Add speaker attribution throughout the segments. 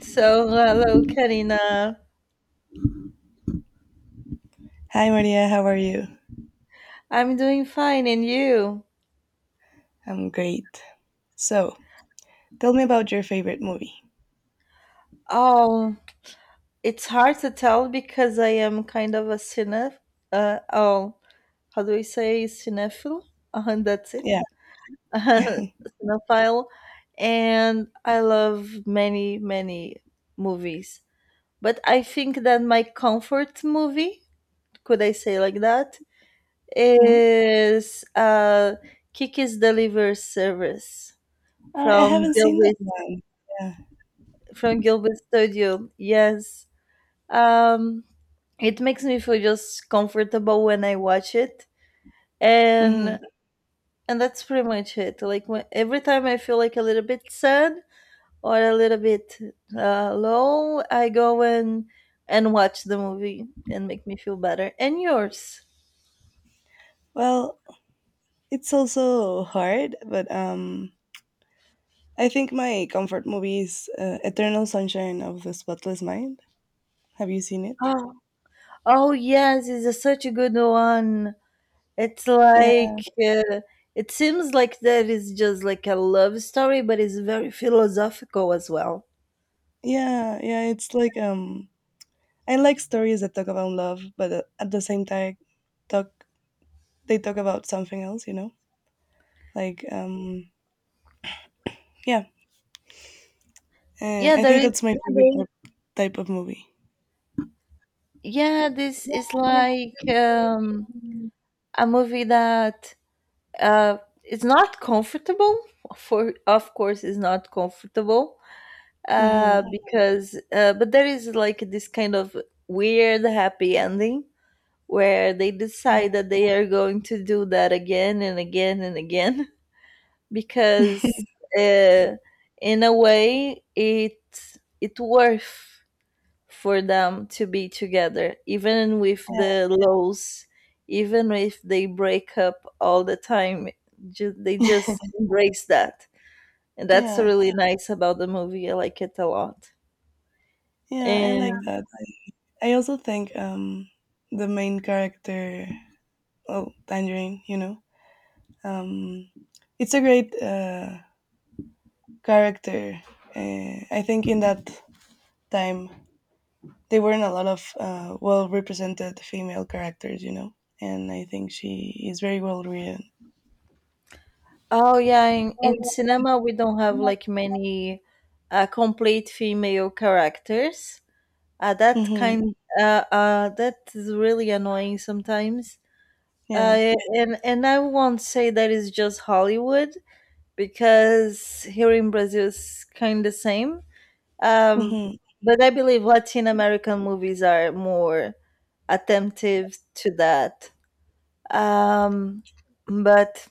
Speaker 1: So, hello, Karina.
Speaker 2: Hi Maria, how are you?
Speaker 1: I'm doing fine, and you?
Speaker 2: I'm great. So, tell me about your favorite movie.
Speaker 1: Oh, it's hard to tell because I am kind of a cinef. Uh, oh, how do we say cinephile? That's it.
Speaker 2: Yeah.
Speaker 1: Cinephile, and I love many movies. But I think that my comfort movie, could I say like that,
Speaker 2: hmm
Speaker 1: is Kiki's Delivery Service
Speaker 2: I
Speaker 1: from
Speaker 2: haven't seen that
Speaker 1: Delby,
Speaker 2: one. Yeah.
Speaker 1: from Gilbert Studio. Yes. Um, it makes me feel just comfortable when I watch it,
Speaker 2: hmm
Speaker 1: and and that's pretty much it. Like when, every time I feel like a little bit sad or a little bit low, I go and watch the movie and make me feel better. And yours?
Speaker 2: Well, it's also hard, but I think my comfort movie is Eternal Sunshine of the Spotless Mind. Have you seen it?
Speaker 1: Oh, oh yes, it's a, such a good one. It's
Speaker 2: Yeah.
Speaker 1: like it seems like that is just like a love story, but it's very philosophical as well.
Speaker 2: Yeah. Yeah. It's like I like stories that talk about love, but at the same time, talk they talk about something else. like um, yeah.
Speaker 1: Yeah,
Speaker 2: I
Speaker 1: there
Speaker 2: think
Speaker 1: is.
Speaker 2: that's my favorite type, type of movie.
Speaker 1: Yeah, this is
Speaker 2: Agree
Speaker 1: like
Speaker 2: with you. Mm.
Speaker 1: a movie that is not comfortable. For of course, is not comfortable
Speaker 2: hmm
Speaker 1: because but there is like this kind of weird happy ending where they decide that they are going to do that again and again and again. Because uh, in a way it worth for them to be together even with the lows, even if they break up all the time, they
Speaker 2: Yeah,
Speaker 1: just embrace that, and that's
Speaker 2: yeah,
Speaker 1: really nice about the movie. I like it a lot.
Speaker 2: yeah, I
Speaker 1: And yeah.
Speaker 2: like that. I also think the main character, oh Tangerine, you know, um, it's a great character. I think in that time there weren't a lot of well represented female characters, you know, and I think she is very well written.
Speaker 1: Oh yeah, in,
Speaker 2: Oh,
Speaker 1: in
Speaker 2: yeah.
Speaker 1: cinema we don't have like many complete female characters. That
Speaker 2: Mm-hmm.
Speaker 1: kind, that is really annoying sometimes.
Speaker 2: Yeah.
Speaker 1: And I won't say that is just Hollywood, because here in Brazil is kind of the same. Um,
Speaker 2: hmm
Speaker 1: but I believe Latin American movies are more attentive to that. Um, but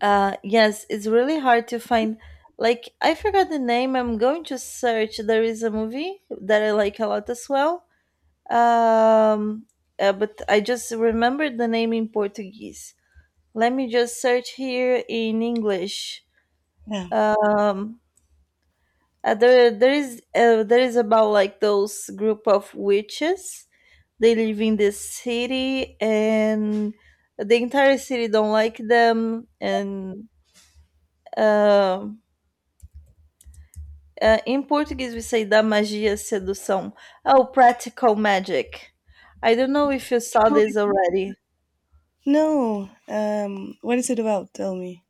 Speaker 1: yes, it's really hard to find. Like I forgot the name. I'm going to search. There is a movie that I like a lot as well. Um, but I just remembered the name in Portuguese. Let me just search here in English. Um, there, there is, about like those group of witches. They live in this city, and the entire city don't like them. And um, in Portuguese we say da magia sedução. Oh, practical magic. I don't know if you saw this already.
Speaker 2: No. What is it about? Tell me.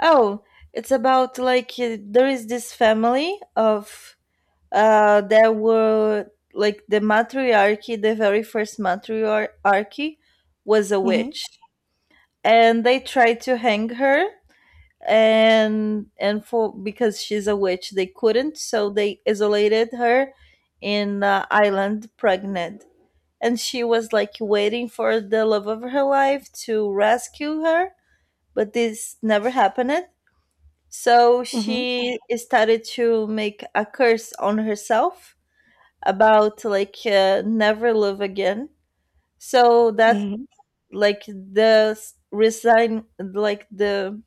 Speaker 1: Oh, it's about like there is this family of there were like the matriarchy, the very first matriarchy was a
Speaker 2: Mm-hmm.
Speaker 1: witch. And they tried to hang her, and for because she's a witch they couldn't, so they isolated her in island pregnant. And she was like waiting for the love of her life to rescue her, but this never happened, so
Speaker 2: Mm-hmm.
Speaker 1: she started to make a curse on herself about like never love again. So that
Speaker 2: Mm-hmm.
Speaker 1: like resign like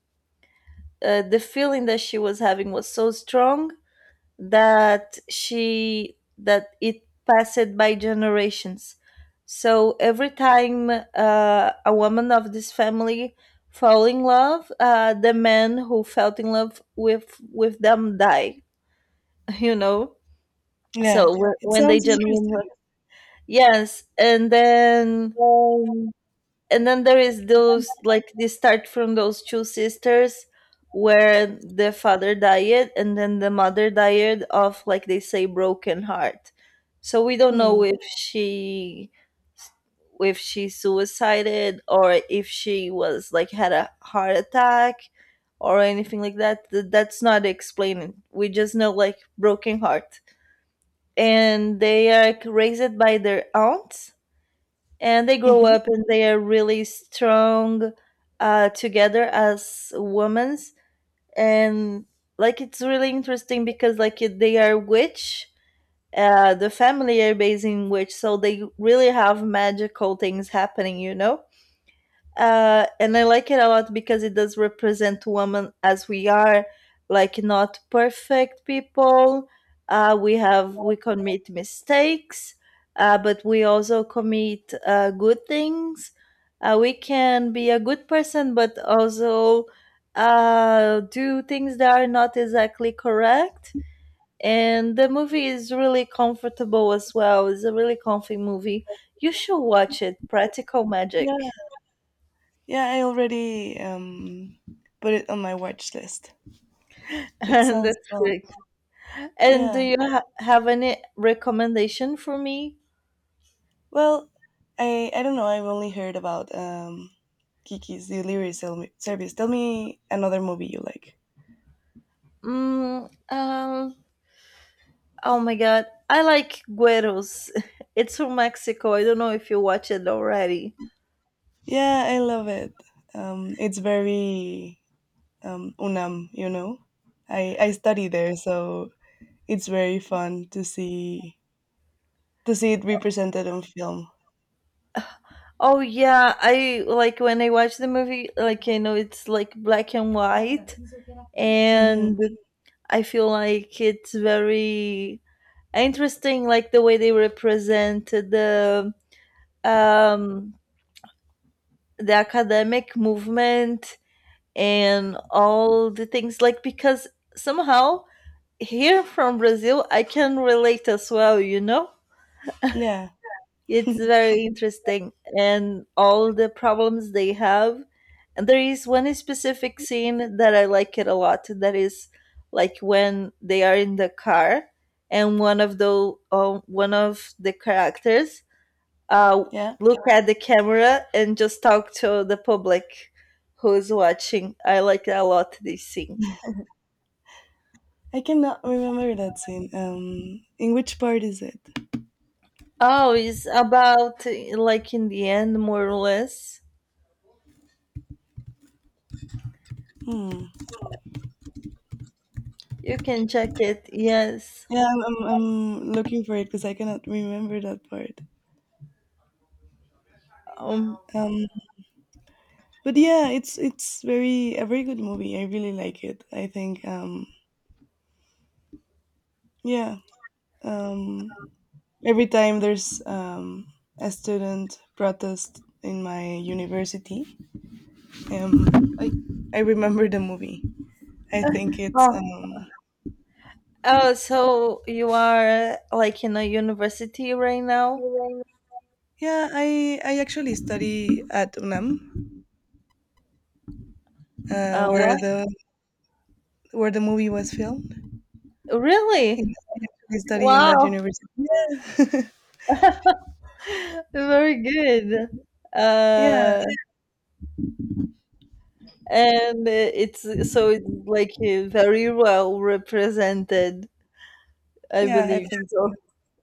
Speaker 1: the feeling that she was having was so strong that she that it passed by generations. So every time a woman of this family fall in love, the men who felt in love with them die. You know,
Speaker 2: Yeah.
Speaker 1: so when,
Speaker 2: It
Speaker 1: when they
Speaker 2: sounds
Speaker 1: genuine,
Speaker 2: interesting.
Speaker 1: yes,
Speaker 2: Um,
Speaker 1: and then there is those like they start from those two sisters where the father died and then the mother died of like they say broken heart, so we don't know
Speaker 2: hmm.
Speaker 1: if she, if she suicided or if she was like had a heart attack or anything like that. Th- that's not explained. We just know like broken heart, and they are raised by their aunts, and they grow
Speaker 2: Mm-hmm.
Speaker 1: up and they are really strong together as women. And like it's really interesting because like they are witch. Uh, the family are based in witch, so they really have magical things happening, you know. Uh, and I like it a lot because it does represent women as we are, like not perfect people. We have we commit mistakes, but we also commit good things. We can be a good person, but also do things that are not exactly correct. And the movie is really comfortable as well. It's a really comfy movie. You should watch it. Practical
Speaker 2: Yeah.
Speaker 1: Magic.
Speaker 2: Yeah, I already put it on my watch list. It sounds
Speaker 1: That's
Speaker 2: fun.
Speaker 1: correct. And do
Speaker 2: Yeah.
Speaker 1: you have any recommendation for me?
Speaker 2: Well, I don't know. I've only heard about Kiki's Delivery Sel- Service. Tell me another movie you like.
Speaker 1: Mm, um, oh my God, I like Gueros. It's from Mexico. I don't know if you watch it already.
Speaker 2: Yeah, I love it. It's very UNAM, you know. I study there, so it's very fun to see it represented on film.
Speaker 1: Oh yeah, I like when I watch the movie. Like I know it's like black and white,
Speaker 2: Hmm
Speaker 1: and I feel like it's very interesting, like the way they represent um the academic movement and all the things, like because somehow here from Brazil I can relate as well, you know?
Speaker 2: Yeah,
Speaker 1: It's very interesting, and all the problems they have. And there is one specific scene that I like it a lot, that is like when they are in the car and one of the characters uh
Speaker 2: yeah.
Speaker 1: look at the camera and just talk to the public who's watching. I like a lot this scene.
Speaker 2: I cannot remember that scene. In which part is it?
Speaker 1: Oh, it's about like in the end, more or less.
Speaker 2: Hmm.
Speaker 1: You can check it. Yes.
Speaker 2: Yeah, I'm looking for it because I cannot remember that part.
Speaker 1: Um.
Speaker 2: Um, but yeah, it's very a very good movie. I really like it. I think yeah. Um, every time there's a student protest in my university, um, I I remember the movie. I think it's
Speaker 1: Oh. Oh. So you are like in a university right now?
Speaker 2: yeah, I actually study at UNAM, uh, where
Speaker 1: What?
Speaker 2: the where the movie was filmed. In,
Speaker 1: Really?
Speaker 2: I actually study in that
Speaker 1: Wow.
Speaker 2: university. Yeah.
Speaker 1: Very good.
Speaker 2: yeah,
Speaker 1: Uh. And it's so it's like very well represented. I
Speaker 2: yeah, I
Speaker 1: believe
Speaker 2: think
Speaker 1: so.
Speaker 2: so.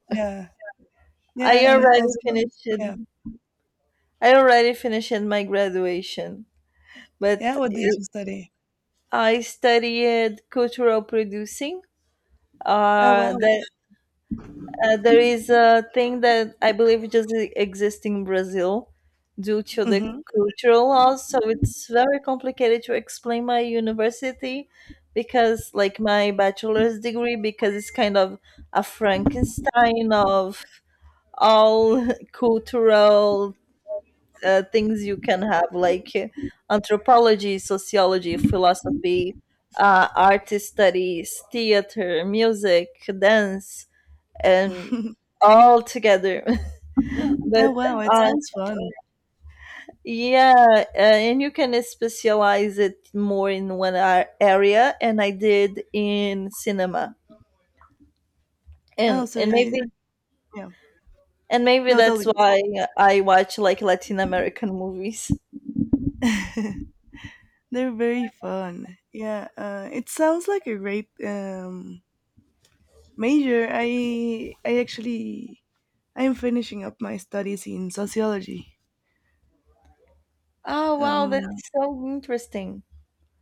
Speaker 2: Yeah, yeah,
Speaker 1: I
Speaker 2: and
Speaker 1: already
Speaker 2: also
Speaker 1: finished.
Speaker 2: yeah,
Speaker 1: I already finished my graduation,
Speaker 2: yeah.
Speaker 1: but.
Speaker 2: What did you study?
Speaker 1: I studied cultural producing.
Speaker 2: Oh wow.
Speaker 1: There, there is a thing that I believe just exists in Brazil due to the
Speaker 2: hmm
Speaker 1: cultural laws. So it's very complicated to explain my university, because, like, my bachelor's degree, because it's kind of a Frankenstein of all cultural things you can have, like anthropology, sociology, philosophy, art studies, theater, music, dance, and all together. But
Speaker 2: oh wow, it
Speaker 1: uh,
Speaker 2: sounds fun.
Speaker 1: yeah, and you can specialize it more in one area, and I did in cinema.
Speaker 2: Oh,
Speaker 1: And
Speaker 2: so you- yeah.
Speaker 1: and maybe
Speaker 2: No, tell
Speaker 1: that's
Speaker 2: me. Sorry.
Speaker 1: why I watch like Latin American movies.
Speaker 2: They're very fun. Yeah, it sounds like a great major, I actually I'm finishing up my studies in sociology.
Speaker 1: Oh wow,
Speaker 2: Um,
Speaker 1: that's so interesting.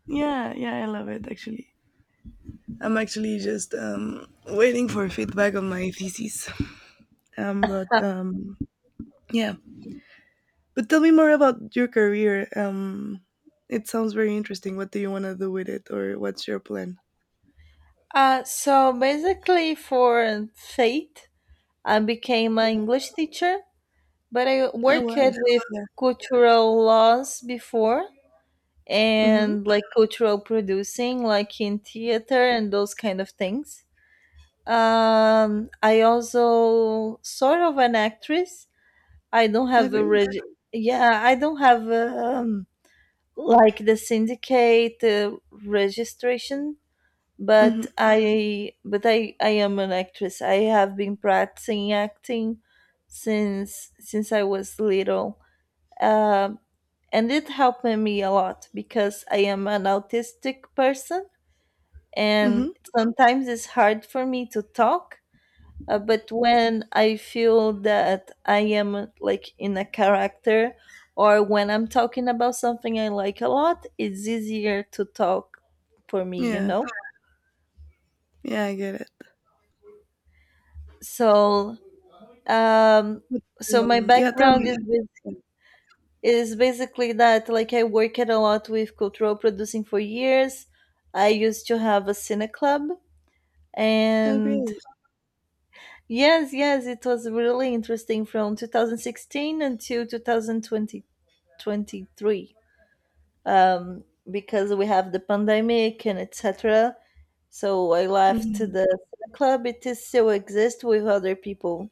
Speaker 2: yeah, yeah, I love it actually. I'm actually just waiting for feedback on my thesis. But yeah, but tell me more about your career. It sounds very interesting. What do you want to do with it, or what's your plan?
Speaker 1: So basically, for faith, I became an English teacher, but I
Speaker 2: Oh
Speaker 1: worked
Speaker 2: well,
Speaker 1: with
Speaker 2: yeah.
Speaker 1: cultural laws before,
Speaker 2: Mm-hmm.
Speaker 1: and like cultural producing, like in theater and those kind of things. I also sort of an actress. I don't
Speaker 2: I
Speaker 1: have a
Speaker 2: agree.
Speaker 1: yeah, I don't have like the syndicate registration,
Speaker 2: Mm-hmm.
Speaker 1: but I am an actress. I have been practicing acting since I was little, um, and it helped me a lot because I am an autistic person, and
Speaker 2: Mm-hmm.
Speaker 1: sometimes it's hard for me to talk, but when I feel that I am like in a character, or when I'm talking about something I like a lot, it's easier to talk for me, you
Speaker 2: Yeah,
Speaker 1: know.
Speaker 2: yeah, I get it.
Speaker 1: So Um,
Speaker 2: But,
Speaker 1: so my
Speaker 2: um, yeah, tell
Speaker 1: background is
Speaker 2: me.
Speaker 1: is basically that, like I worked a lot with cultural producing for years. I used to have a cine club,
Speaker 2: I
Speaker 1: and
Speaker 2: agree.
Speaker 1: yes, yes, it was really interesting from 2016 until 2020, 23, um, because we have the pandemic and etc. So I left
Speaker 2: Mm-hmm.
Speaker 1: the cine club. It is still exists with other people,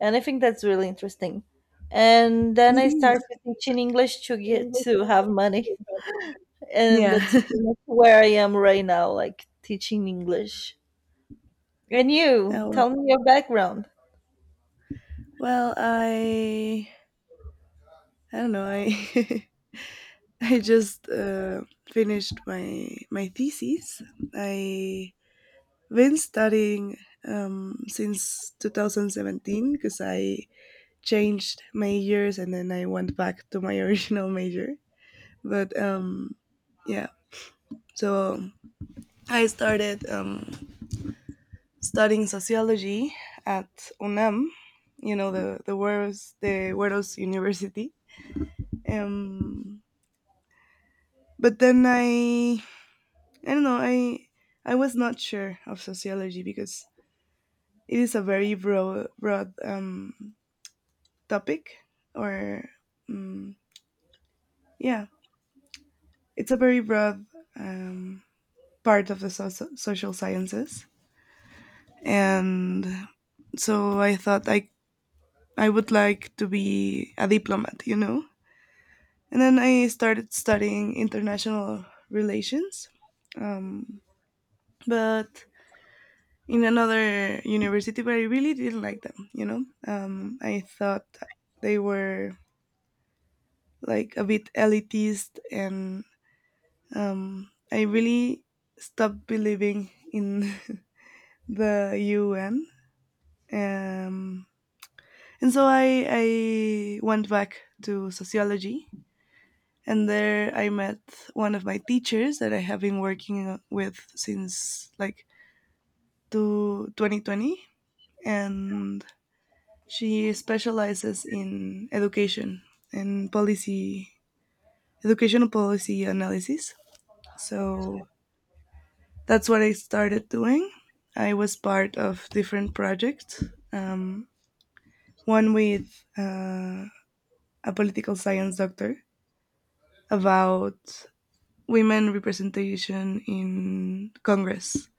Speaker 1: and I think that's really interesting. And then
Speaker 2: It
Speaker 1: I
Speaker 2: is.
Speaker 1: started teaching English to get to have money, and
Speaker 2: Yeah.
Speaker 1: that's where I am right now, like teaching English. And you,
Speaker 2: Oh well.
Speaker 1: tell me your background.
Speaker 2: Well, I don't know. I I just finished my thesis. I been studying since 2017 because I changed majors and then I went back to my original major. But yeah, so I started. Studying sociology at UNAM, you know, the Hueros, the Hueros University. Um, but then I don't know I was not sure of sociology because it is a very broad topic or um, yeah it's a very broad um, part of the so- social sciences and so I thought I would like to be a diplomat, you know. And then I started studying international relations, um, but in another university, but I really didn't like them, you know? I thought they were like a bit elitist, and I really stopped believing in the UN. Um, and so I went back to sociology. And there I met one of my teachers that I have been working with since like to 2020. And she specializes in education and policy, educational policy analysis. So that's what I started doing. I was part of different projects, um, one with a political science doctor about women representation in Congress,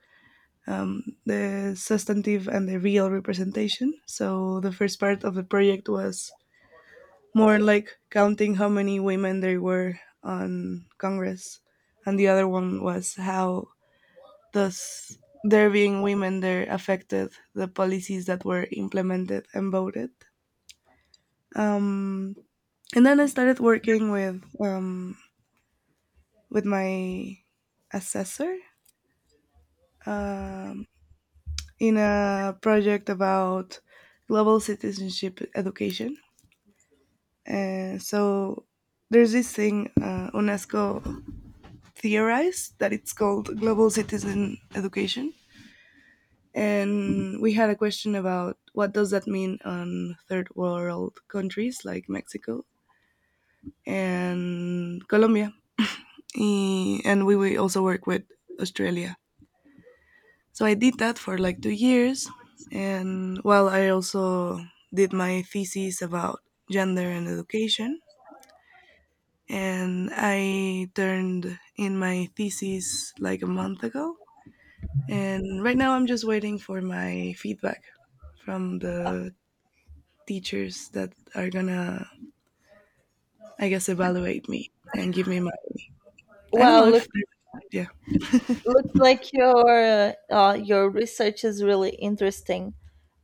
Speaker 2: the substantive and the real representation. So the first part of the project was more like counting how many women there were on Congress, and the other one was how does there being women there affected the policies that were implemented and voted. Um, and then I started working with my assessor um, in a project about global citizenship education. And so there's this thing UNESCO theorized that it's called global citizen education. And we had a question about what does that mean on third world countries like Mexico and Colombia. and we also work with Australia. So I did that for like 2 years. And well, I also did my thesis about gender and education. And I turned in my thesis like a month ago. And right now I'm just waiting for my feedback from the teachers that are gonna, I guess, evaluate me and give me my. I don't know
Speaker 1: Wow, look,
Speaker 2: if. They're- Yeah.
Speaker 1: looks like your research is really interesting.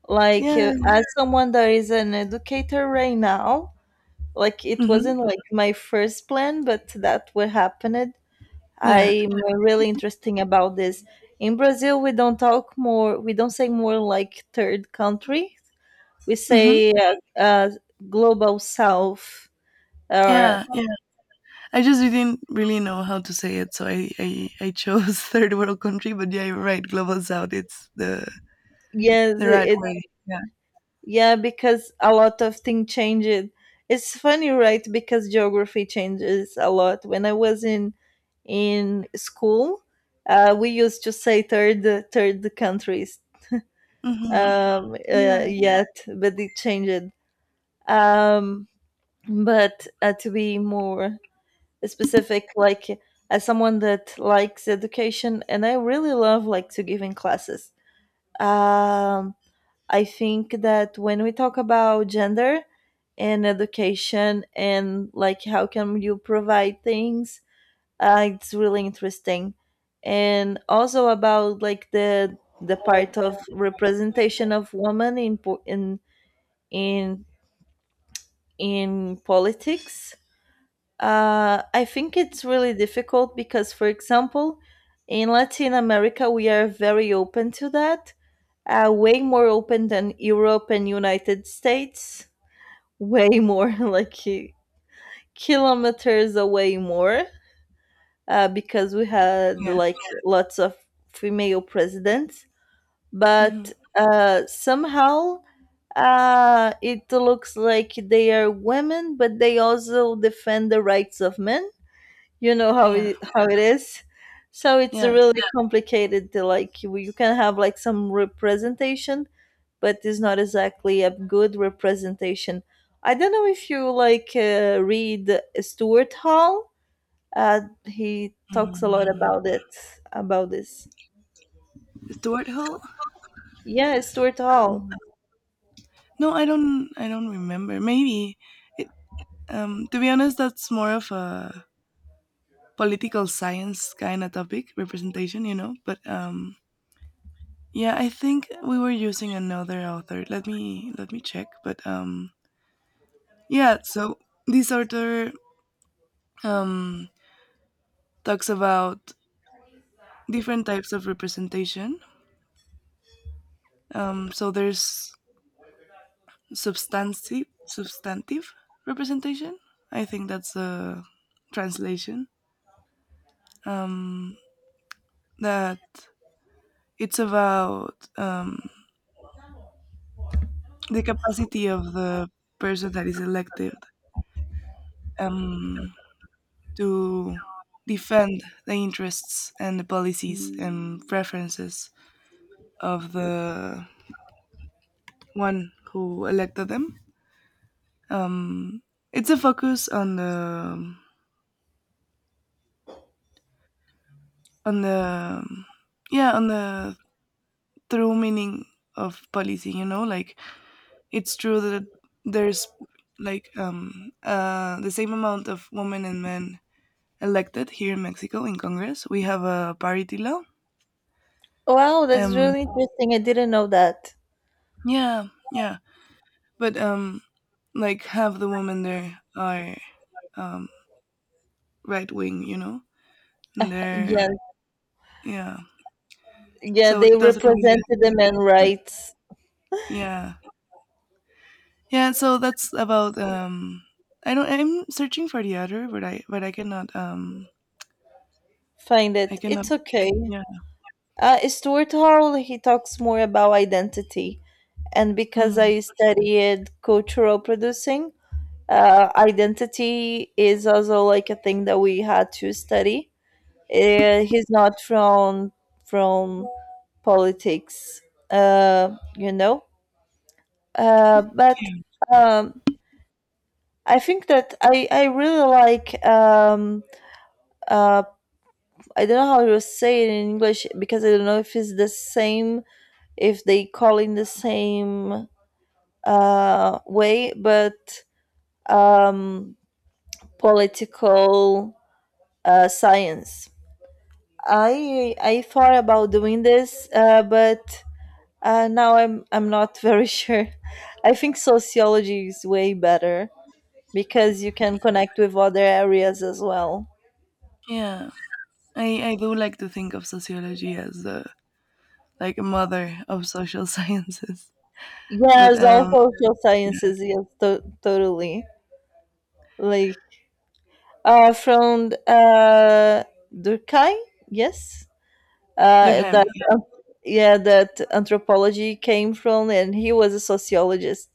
Speaker 1: Like
Speaker 2: Yeah.
Speaker 1: as someone that is an educator right now, like it
Speaker 2: Mm-hmm.
Speaker 1: wasn't like my first plan, but that what happened.
Speaker 2: Yeah.
Speaker 1: I'm really interesting about this. In Brazil, we don't talk more. We don't say more like third country. We
Speaker 2: Mm-hmm.
Speaker 1: say global south. Or
Speaker 2: Yeah. Yeah. I just didn't really know how to say it, so I chose third world country. But yeah, you're right. Global South, it's the
Speaker 1: yes,
Speaker 2: right
Speaker 1: it
Speaker 2: way. Yeah.
Speaker 1: yeah, because a lot of things changed. It's funny, right? Because geography changes a lot. When I was in school, we used to say third countries.
Speaker 2: hmm Yeah.
Speaker 1: Yet, but it changed. Um, but to be more specific, like as someone that likes education and I really love like to give in classes, um, I think that when we talk about gender and education and like how can you provide things, it's really interesting. And also about like the part of representation of women in in in politics. I think it's really difficult because, for example, in Latin America, we are very open to that, way more open than Europe and United States, way more like kilometers away more, because we had
Speaker 2: Yeah.
Speaker 1: like lots of female presidents. But
Speaker 2: hmm
Speaker 1: somehow, it looks like they are women, but they also defend the rights of men. You know how
Speaker 2: Yeah.
Speaker 1: it is. So it's
Speaker 2: Yeah.
Speaker 1: really complicated. To like you can have like some representation, but it's not exactly a good representation. I don't know if you like read Stuart Hall. He talks a lot
Speaker 2: Mm.
Speaker 1: about it, about this.
Speaker 2: Stuart Hall?
Speaker 1: Yeah, Stuart Hall.
Speaker 2: No, I don't. I don't remember. Maybe. It, to be honest, that's more of a political science kind of topic, representation. You know, but yeah, I think we were using another author. Let me check. But Yeah, so this author um, talks about different types of representation. So there's substantive representation. I think that's a translation. Um, that it's about the capacity of the person that is elected um, to defend the interests and the policies and preferences of the one who elected them. Um, it's a focus on the on the yeah on the true meaning of policy. You know, like it's true that there's like the same amount of women and men elected here in Mexico in Congress. We have a parity law.
Speaker 1: Wow, that's
Speaker 2: Um,
Speaker 1: really interesting, I didn't know that.
Speaker 2: yeah, yeah, but like half the women there are um right wing. You know, and
Speaker 1: Yeah.
Speaker 2: they're yeah.
Speaker 1: Yeah,
Speaker 2: So
Speaker 1: they
Speaker 2: it doesn't really
Speaker 1: represented the men rights.
Speaker 2: yeah. Yeah, so that's about I don't I'm searching for the other, but
Speaker 1: Find
Speaker 2: I
Speaker 1: it,
Speaker 2: cannot
Speaker 1: it's okay.
Speaker 2: yeah.
Speaker 1: Stuart Hall, he talks more about identity. And because
Speaker 2: Hmm.
Speaker 1: I studied cultural producing, identity is also like a thing that we had to study. He's not from politics, you know. But um, I think that I really like uh, I don't know how to say it in English because I don't know if it's the same if they call in the same way, but um, political science. I thought about doing this, but now I'm not very sure. I think sociology is way better because you can connect with other areas as well.
Speaker 2: Yeah. I do like to think of sociology as the like mother of social sciences. But
Speaker 1: Yes, all social
Speaker 2: yeah.
Speaker 1: sciences. Yes, totally. Like from Durkheim. Yes.
Speaker 2: Durkheim,
Speaker 1: That
Speaker 2: yeah.
Speaker 1: Yeah, that anthropology came from, and he was a sociologist,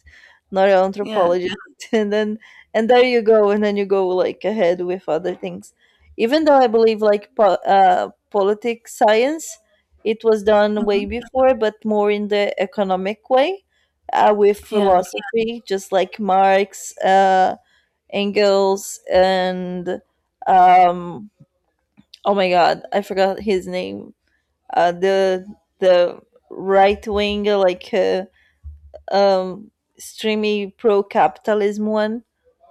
Speaker 1: not an
Speaker 2: Yeah.
Speaker 1: anthropologist. And then and there you go, and then you go like ahead with other things, even though I believe like politics science, it was done way
Speaker 2: Mhm.
Speaker 1: before but more in the economic way, with
Speaker 2: Yeah,
Speaker 1: philosophy, just like Marx, Engels, and um, oh my god, I forgot his name. The the right wing, like, um streamy pro capitalism one.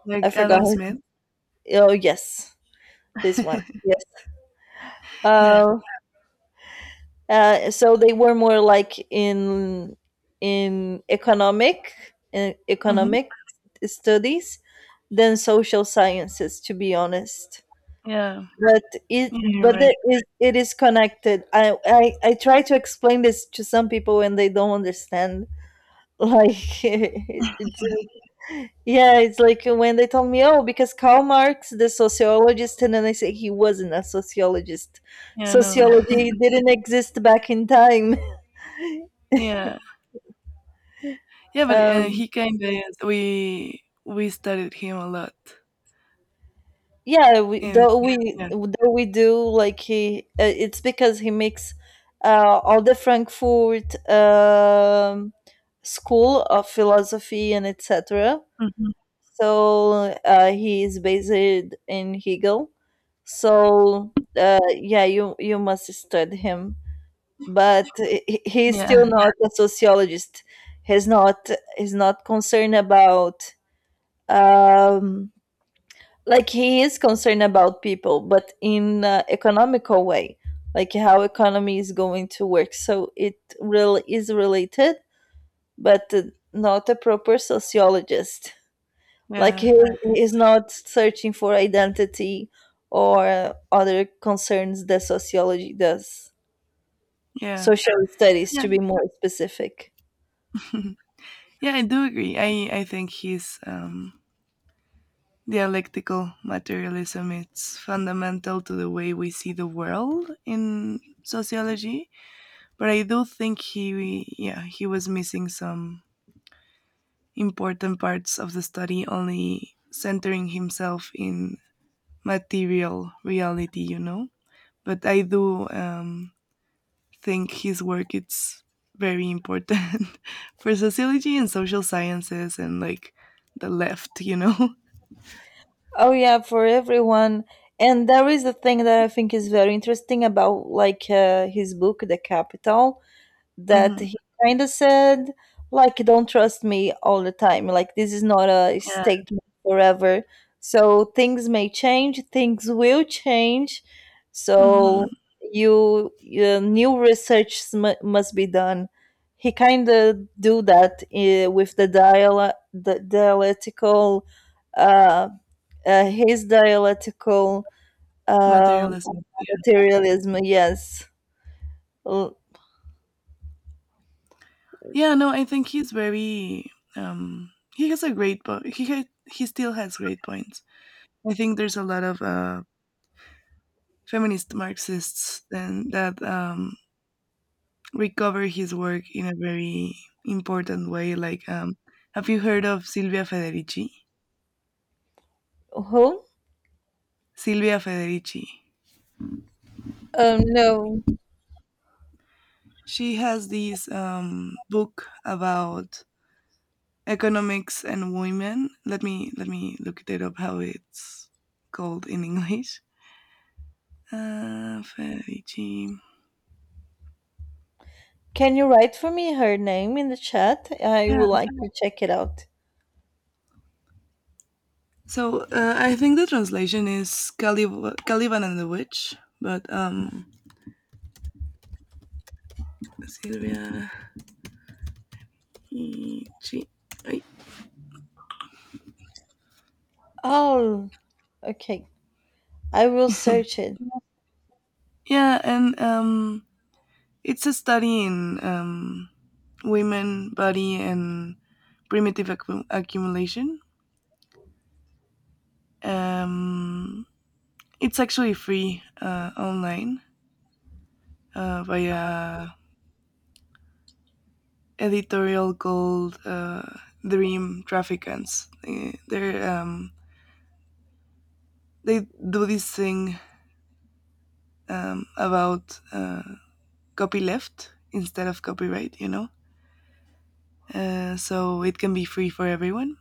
Speaker 2: like
Speaker 1: I forgot.
Speaker 2: Adam Smith.
Speaker 1: Oh yes, this one. Yes.
Speaker 2: Yeah.
Speaker 1: Uh, so they were more like in in economic
Speaker 2: Mhm.
Speaker 1: economic studies than social sciences, to be honest.
Speaker 2: Yeah.
Speaker 1: But it
Speaker 2: Yeah, you're
Speaker 1: but
Speaker 2: right.
Speaker 1: it is connected. I try to explain this to some people and they don't understand, like, yeah, it's like when they told me, oh, because Karl Marx, the sociologist, and then I say he wasn't a sociologist,
Speaker 2: Yeah, no.
Speaker 1: sociology didn't exist back in time.
Speaker 2: Yeah. Yeah, but
Speaker 1: um
Speaker 2: he kinda we studied him a lot
Speaker 1: yeah, we,
Speaker 2: in
Speaker 1: though we
Speaker 2: yeah.
Speaker 1: though we do, like, he it's because he makes all the Frankfurt school of philosophy and etc.
Speaker 2: Mhm.
Speaker 1: So he is based in Hegel. So yeah, you must study him. But he's
Speaker 2: Yeah.
Speaker 1: still not a sociologist. He's not he's not concerned about um, like he is concerned about people, but in economical way, like how economy is going to work. So it really is related, but not a proper sociologist. Like he
Speaker 2: Yeah.
Speaker 1: he is not searching for identity or other concerns that sociology does.
Speaker 2: Yeah.
Speaker 1: Social studies,
Speaker 2: Yeah.
Speaker 1: to be more specific.
Speaker 2: Yeah, I do agree. I think his dialectical materialism it's fundamental to the way we see the world in sociology, but I do think he yeah, he was missing some important parts of the study, only centering himself in material reality, you know? But I do think his work it's very important for sociology and social sciences and like the left, you know.
Speaker 1: Oh yeah, for everyone. And there is a thing that I think is very interesting about like, his book, The Capital, that
Speaker 2: hmm
Speaker 1: he kind of said, like, don't trust me all the time. Like, this is not a
Speaker 2: Yeah.
Speaker 1: statement forever. So things may change, things will change. So
Speaker 2: hmm
Speaker 1: you new research must be done. He kind of do that with the dialectical, uh, his dialectical um,
Speaker 2: Materialism.
Speaker 1: materialism. Yes, L-
Speaker 2: Yeah. No, I think he's very. He he still has great points. I think there's a lot of feminist Marxists and that recover his work in a very important way. Like, have you heard of Silvia Federici?
Speaker 1: who?
Speaker 2: Silvia Federici.
Speaker 1: No.
Speaker 2: She has this book about economics and women. Let me look it up. How it's called in English? Federici.
Speaker 1: Can you write for me her name in the chat? I
Speaker 2: Yeah.
Speaker 1: would like to check it out.
Speaker 2: So I think the translation is Calib- Caliban and the Witch, but Silvia. Federici. Ay.
Speaker 1: Oh, okay. I will search it.
Speaker 2: Yeah, and it's a study in women body and primitive accu- accumulation, um, it's actually free online via editorial called dream trafficants. They're, they do this thing about copyleft instead of copyright, you know, so it can be free for everyone.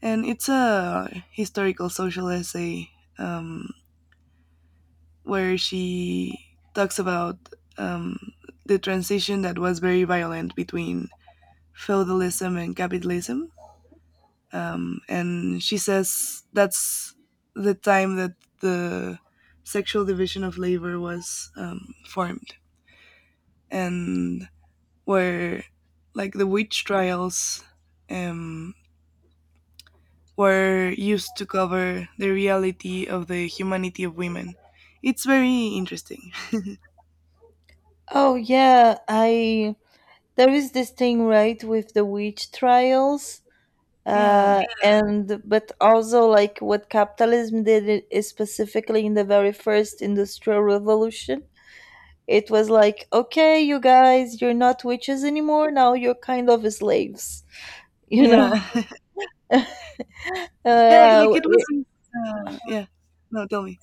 Speaker 2: And it's a historical social essay, um, where she talks about um, the transition that was very violent between feudalism and capitalism. And she says that's the time that the sexual division of labor was formed, and where like the witch trials um, were used to cover the reality of the humanity of women. It's very interesting.
Speaker 1: Oh yeah, I there is this thing, right, with the witch trials.
Speaker 2: Yeah,
Speaker 1: And but also like what capitalism did, it is specifically in the very first industrial revolution. It was like, okay, you guys, you're not witches anymore. Now you're kind of slaves, you know.
Speaker 2: yeah. Yeah, like
Speaker 1: Uh,
Speaker 2: it was yeah. No, tell me.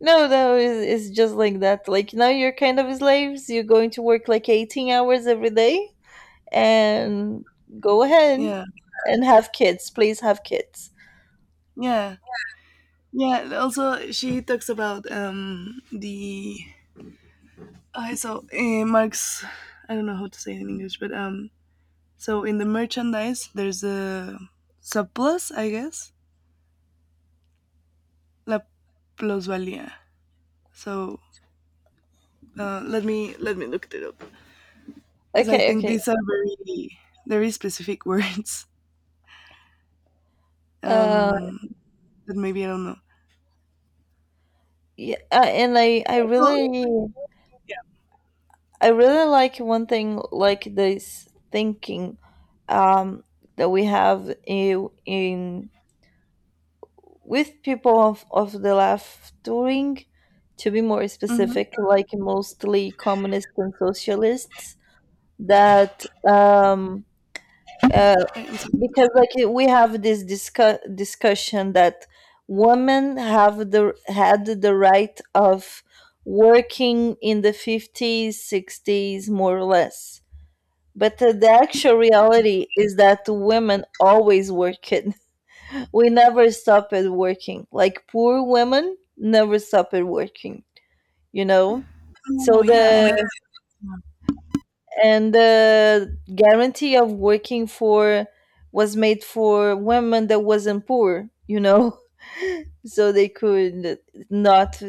Speaker 1: No, no, it's just like that. Like now you're kind of slaves. You're going to work like 18 hours every day and go ahead
Speaker 2: Yeah.
Speaker 1: and have kids. Please have kids.
Speaker 2: Yeah. Yeah, also she talks about the I saw Marx I don't know how to say it in English, but so in the merchandise there's a surplus, I guess. La plusvalía. So let me look it up because I
Speaker 1: Okay,
Speaker 2: think
Speaker 1: okay.
Speaker 2: these are very specific words
Speaker 1: Uh,
Speaker 2: um that maybe I don't know.
Speaker 1: yeah, and
Speaker 2: So, yeah.
Speaker 1: I really like one thing, like this thinking, um, that we have in with people of the left wing, to be more
Speaker 2: Mm-hmm.
Speaker 1: specific, like mostly communists and socialists that uh, because we have this discussion that women have the had the right of working in the 50s 60s, more or less. But the actual reality is that women always work. We never stop at working, like poor women never stop at working, you know.
Speaker 2: Oh
Speaker 1: So
Speaker 2: yeah, and that's
Speaker 1: the guarantee of working for was made for women that wasn't poor, you know. So they could not,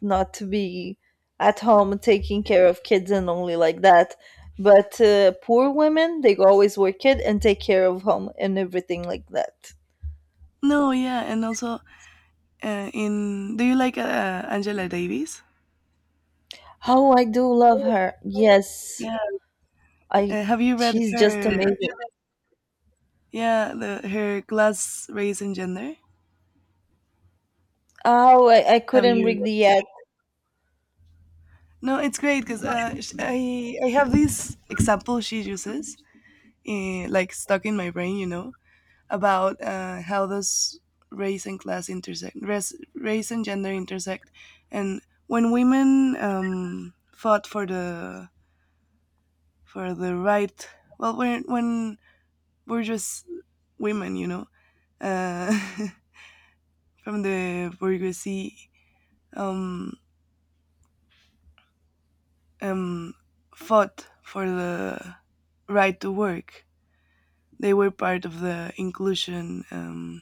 Speaker 1: not to be at home taking care of kids and only like that. But poor women, they always work it and take care of home and everything like that.
Speaker 2: No, yeah, and also in do you like Angela Davis?
Speaker 1: Oh, I do love her. Yes,
Speaker 2: Yeah,
Speaker 1: I
Speaker 2: have you read
Speaker 1: she's just
Speaker 2: her?
Speaker 1: amazing.
Speaker 2: Yeah, the her class, race, and gender.
Speaker 1: Oh, I
Speaker 2: Have
Speaker 1: couldn't read
Speaker 2: you?
Speaker 1: the ad.
Speaker 2: No, it's great because I have this example she uses, like stuck in my brain, about how does race and class intersect, race race and gender intersect, and when women fought for the right, well, when we're just women, uh, from the bourgeoisie um, um, fought for the right to work. They were part of the inclusion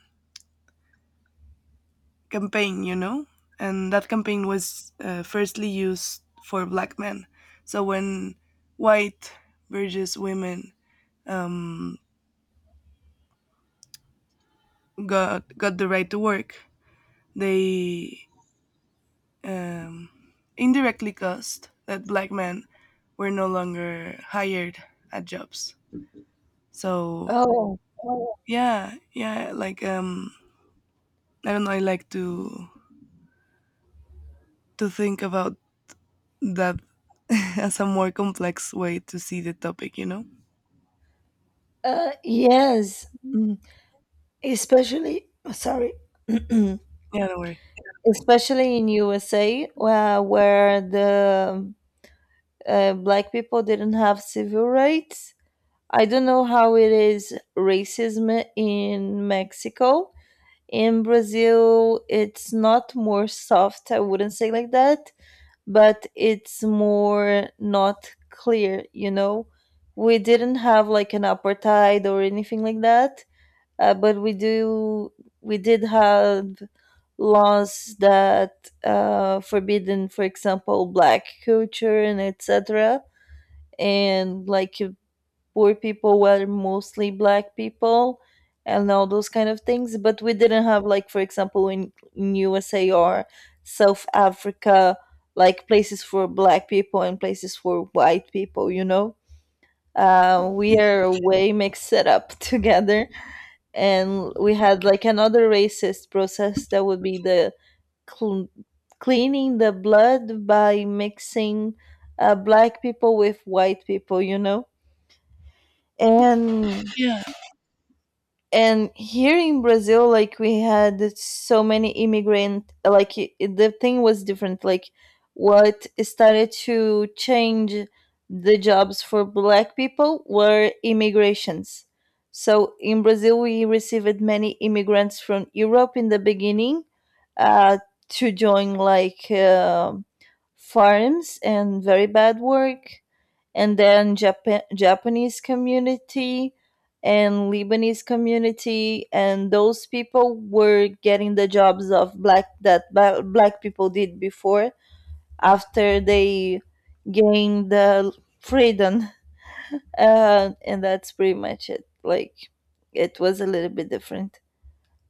Speaker 2: campaign, and that campaign was firstly used for black men. So when white bourgeois women um, got the right to work, they um, indirectly caused that black men were no longer hired at jobs. So
Speaker 1: Oh,
Speaker 2: yeah, yeah, I don't know. I like to think about that as a more complex way to see the topic. You know?
Speaker 1: yes. Mm. Especially, oh, sorry,
Speaker 2: Yeah, don't worry.
Speaker 1: especially in USA where, the black people didn't have civil rights. I don't know how it is racism in Mexico. In Brazil it's not more soft, I wouldn't say like that, but it's more not clear, you know. We didn't have like an apartheid or anything like that. But we did have laws that forbidden, for example, black culture and etc. And like if poor people were mostly black people and all those kind of things. But we didn't have, like, for example, in USA or South Africa, like places for black people and places for white people. You know, we
Speaker 2: Yeah,
Speaker 1: are way mixed up together, and we had like another racist process that would be the cl- cleaning the blood by mixing black people with white people, you know. and
Speaker 2: yeah,
Speaker 1: and here in Brazil, like, we had so many immigrant, like, the thing was different. Like what started to change the jobs for black people were immigrations. So in Brazil we received many immigrants from Europe in the beginning, uh, to join like farms and very bad work. And then Japan Japanese community and Lebanese community, and those people were getting the jobs of black that black people did before, after they gained the freedom. And that's pretty much it. Like it was a little bit different.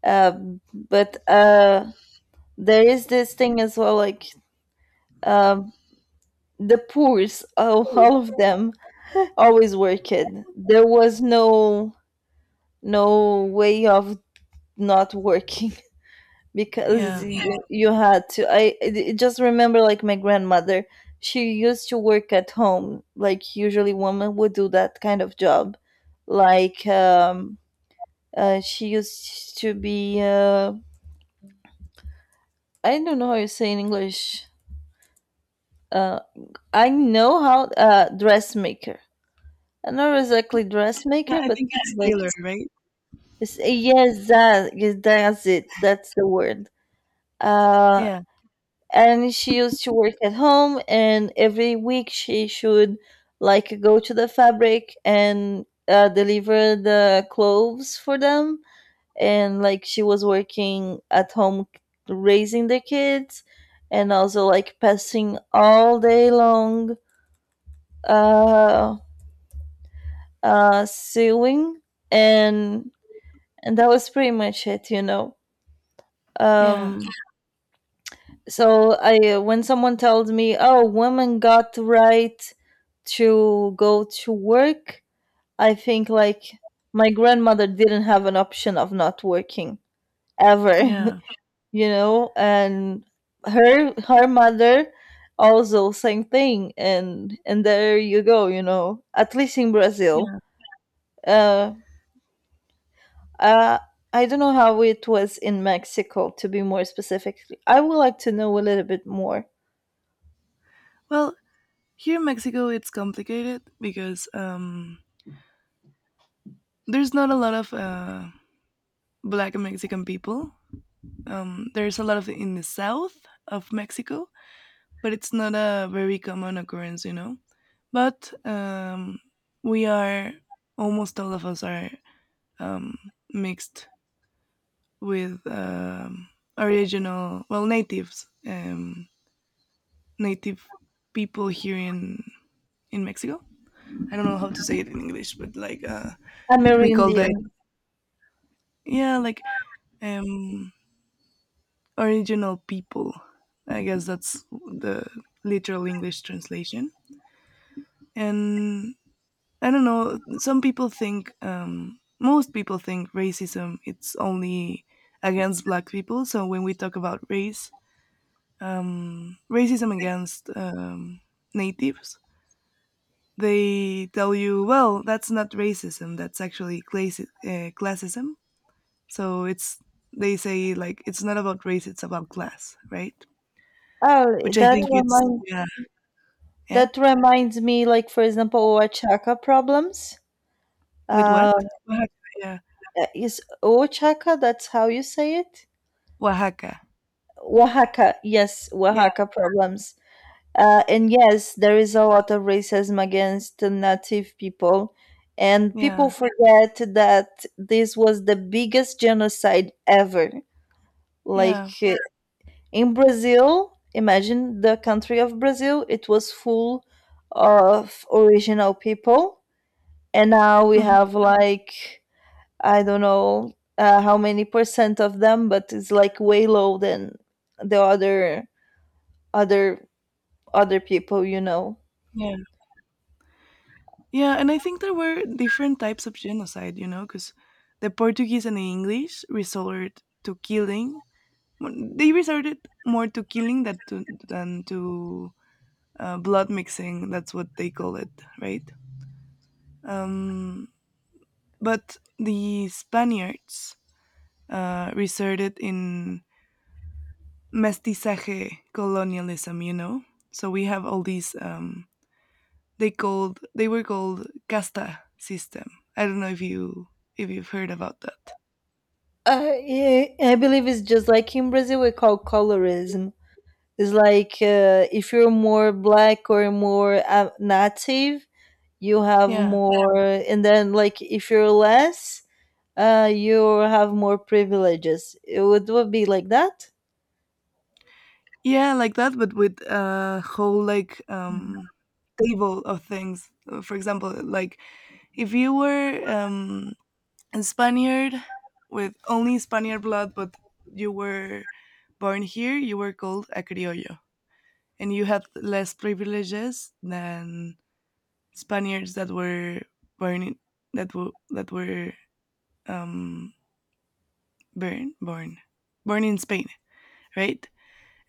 Speaker 1: But there is this thing as well, like, um, the poors, all of them always worked. There was no way of not working, because
Speaker 2: yeah.
Speaker 1: you had to. I just remember, like, my grandmother. She used to work at home. Like, usually, women would do that kind of job. Like, she used to be. I don't know how you say in English. Uh, I know how, dressmaker. I'm not exactly
Speaker 2: Yeah,
Speaker 1: dressmaker,
Speaker 2: I
Speaker 1: but
Speaker 2: think it's
Speaker 1: like,
Speaker 2: Taylor, right?
Speaker 1: Yes, yes, that's it. That's the word. Uh,
Speaker 2: Yeah,
Speaker 1: and she used to work at home, and every week she should like go to the fabric and deliver the clothes for them. And like she was working at home, raising the kids, and also like passing all day long, uh, sewing, and that was pretty much it, you know.
Speaker 2: yeah,
Speaker 1: Um, so I when someone tells me, oh, women got right to go to work, I think like my grandmother didn't have an option of not working ever.
Speaker 2: yeah,
Speaker 1: You know. And her mother also same thing. And there you go, you know, at least in Brazil.
Speaker 2: yeah.
Speaker 1: uh, uh I don't know how it was in Mexico, to be more specific. I would like to know a little bit more.
Speaker 2: Well, here in Mexico, it's complicated because there's not a lot of black and Mexican people. There's a lot of it in the south of Mexico, but it's not a very common occurrence, you know. But we are almost all of us are um, mixed with original, well, natives, native people here in Mexico. I don't know how to say it in English, but like we call that,
Speaker 1: Amerindian.
Speaker 2: yeah, like, um, original people. I guess that's the literal English translation. And I don't know. Some people think, most people think racism it's only against black people. So when we talk about race, racism against natives, they tell you, well, that's not racism. That's actually classism. So it's they say like it's not about race, it's about class, right?
Speaker 1: Oh,
Speaker 2: Which I think it's, yeah. Yeah?
Speaker 1: that reminds me, like for example, Oaxaca problems.
Speaker 2: With
Speaker 1: Uh,
Speaker 2: what? Oaxaca, yeah.
Speaker 1: is Oaxaca? That's how you say it.
Speaker 2: Oaxaca.
Speaker 1: Oaxaca, yes,
Speaker 2: Yeah,
Speaker 1: Oaxaca problems. And yes, there is a lot of racism against the native people, and people
Speaker 2: yeah,
Speaker 1: forget that this was the biggest genocide ever. Like,
Speaker 2: yeah.
Speaker 1: in Brazil, imagine the country of Brazil. It was full of original people, and now we
Speaker 2: Mhm,
Speaker 1: have like, I don't know, how many percent of them, but it's like way low than the other other people, you know.
Speaker 2: yeah. Yeah, and I think there were different types of genocide, you know, because the Portuguese and the English resorted to killing. Well, they resorted more to killing that to, than to blood mixing. That's what they call it, right? Um, but the Spaniards resorted in mestizaje colonialism, you know? So we have all these they were called casta system. I don't know if you if you've heard about that.
Speaker 1: Yeah, I believe it's just like in Brazil we call colorism. It's like, if you're more black or more native, you have
Speaker 2: Yeah.
Speaker 1: more. And then like if you're less you have more privileges, would be like that.
Speaker 2: Yeah, like that, but with a whole table of things. For example, like if you were a Spaniard with only Spaniard blood but you were born here, you were called a criollo. And you had less privileges than Spaniards that were born in, that were that were um born, born in Spain, right?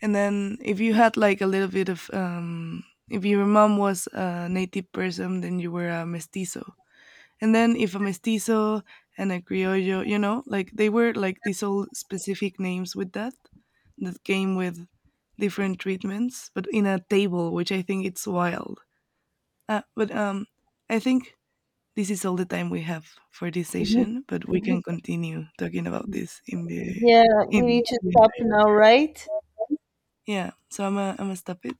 Speaker 2: And then if you had like a little bit of, if your mom was a native person, then you were a mestizo. And then if a mestizo and a criollo, you know, like they were like these all specific names with that, that came with different treatments, but in a table, which I think it's wild. But I think this is all the time we have for this session, but we can continue talking about this in the
Speaker 1: Yeah, we
Speaker 2: in.
Speaker 1: need to stop now, right?
Speaker 2: Yeah, so I'm gonna stop it.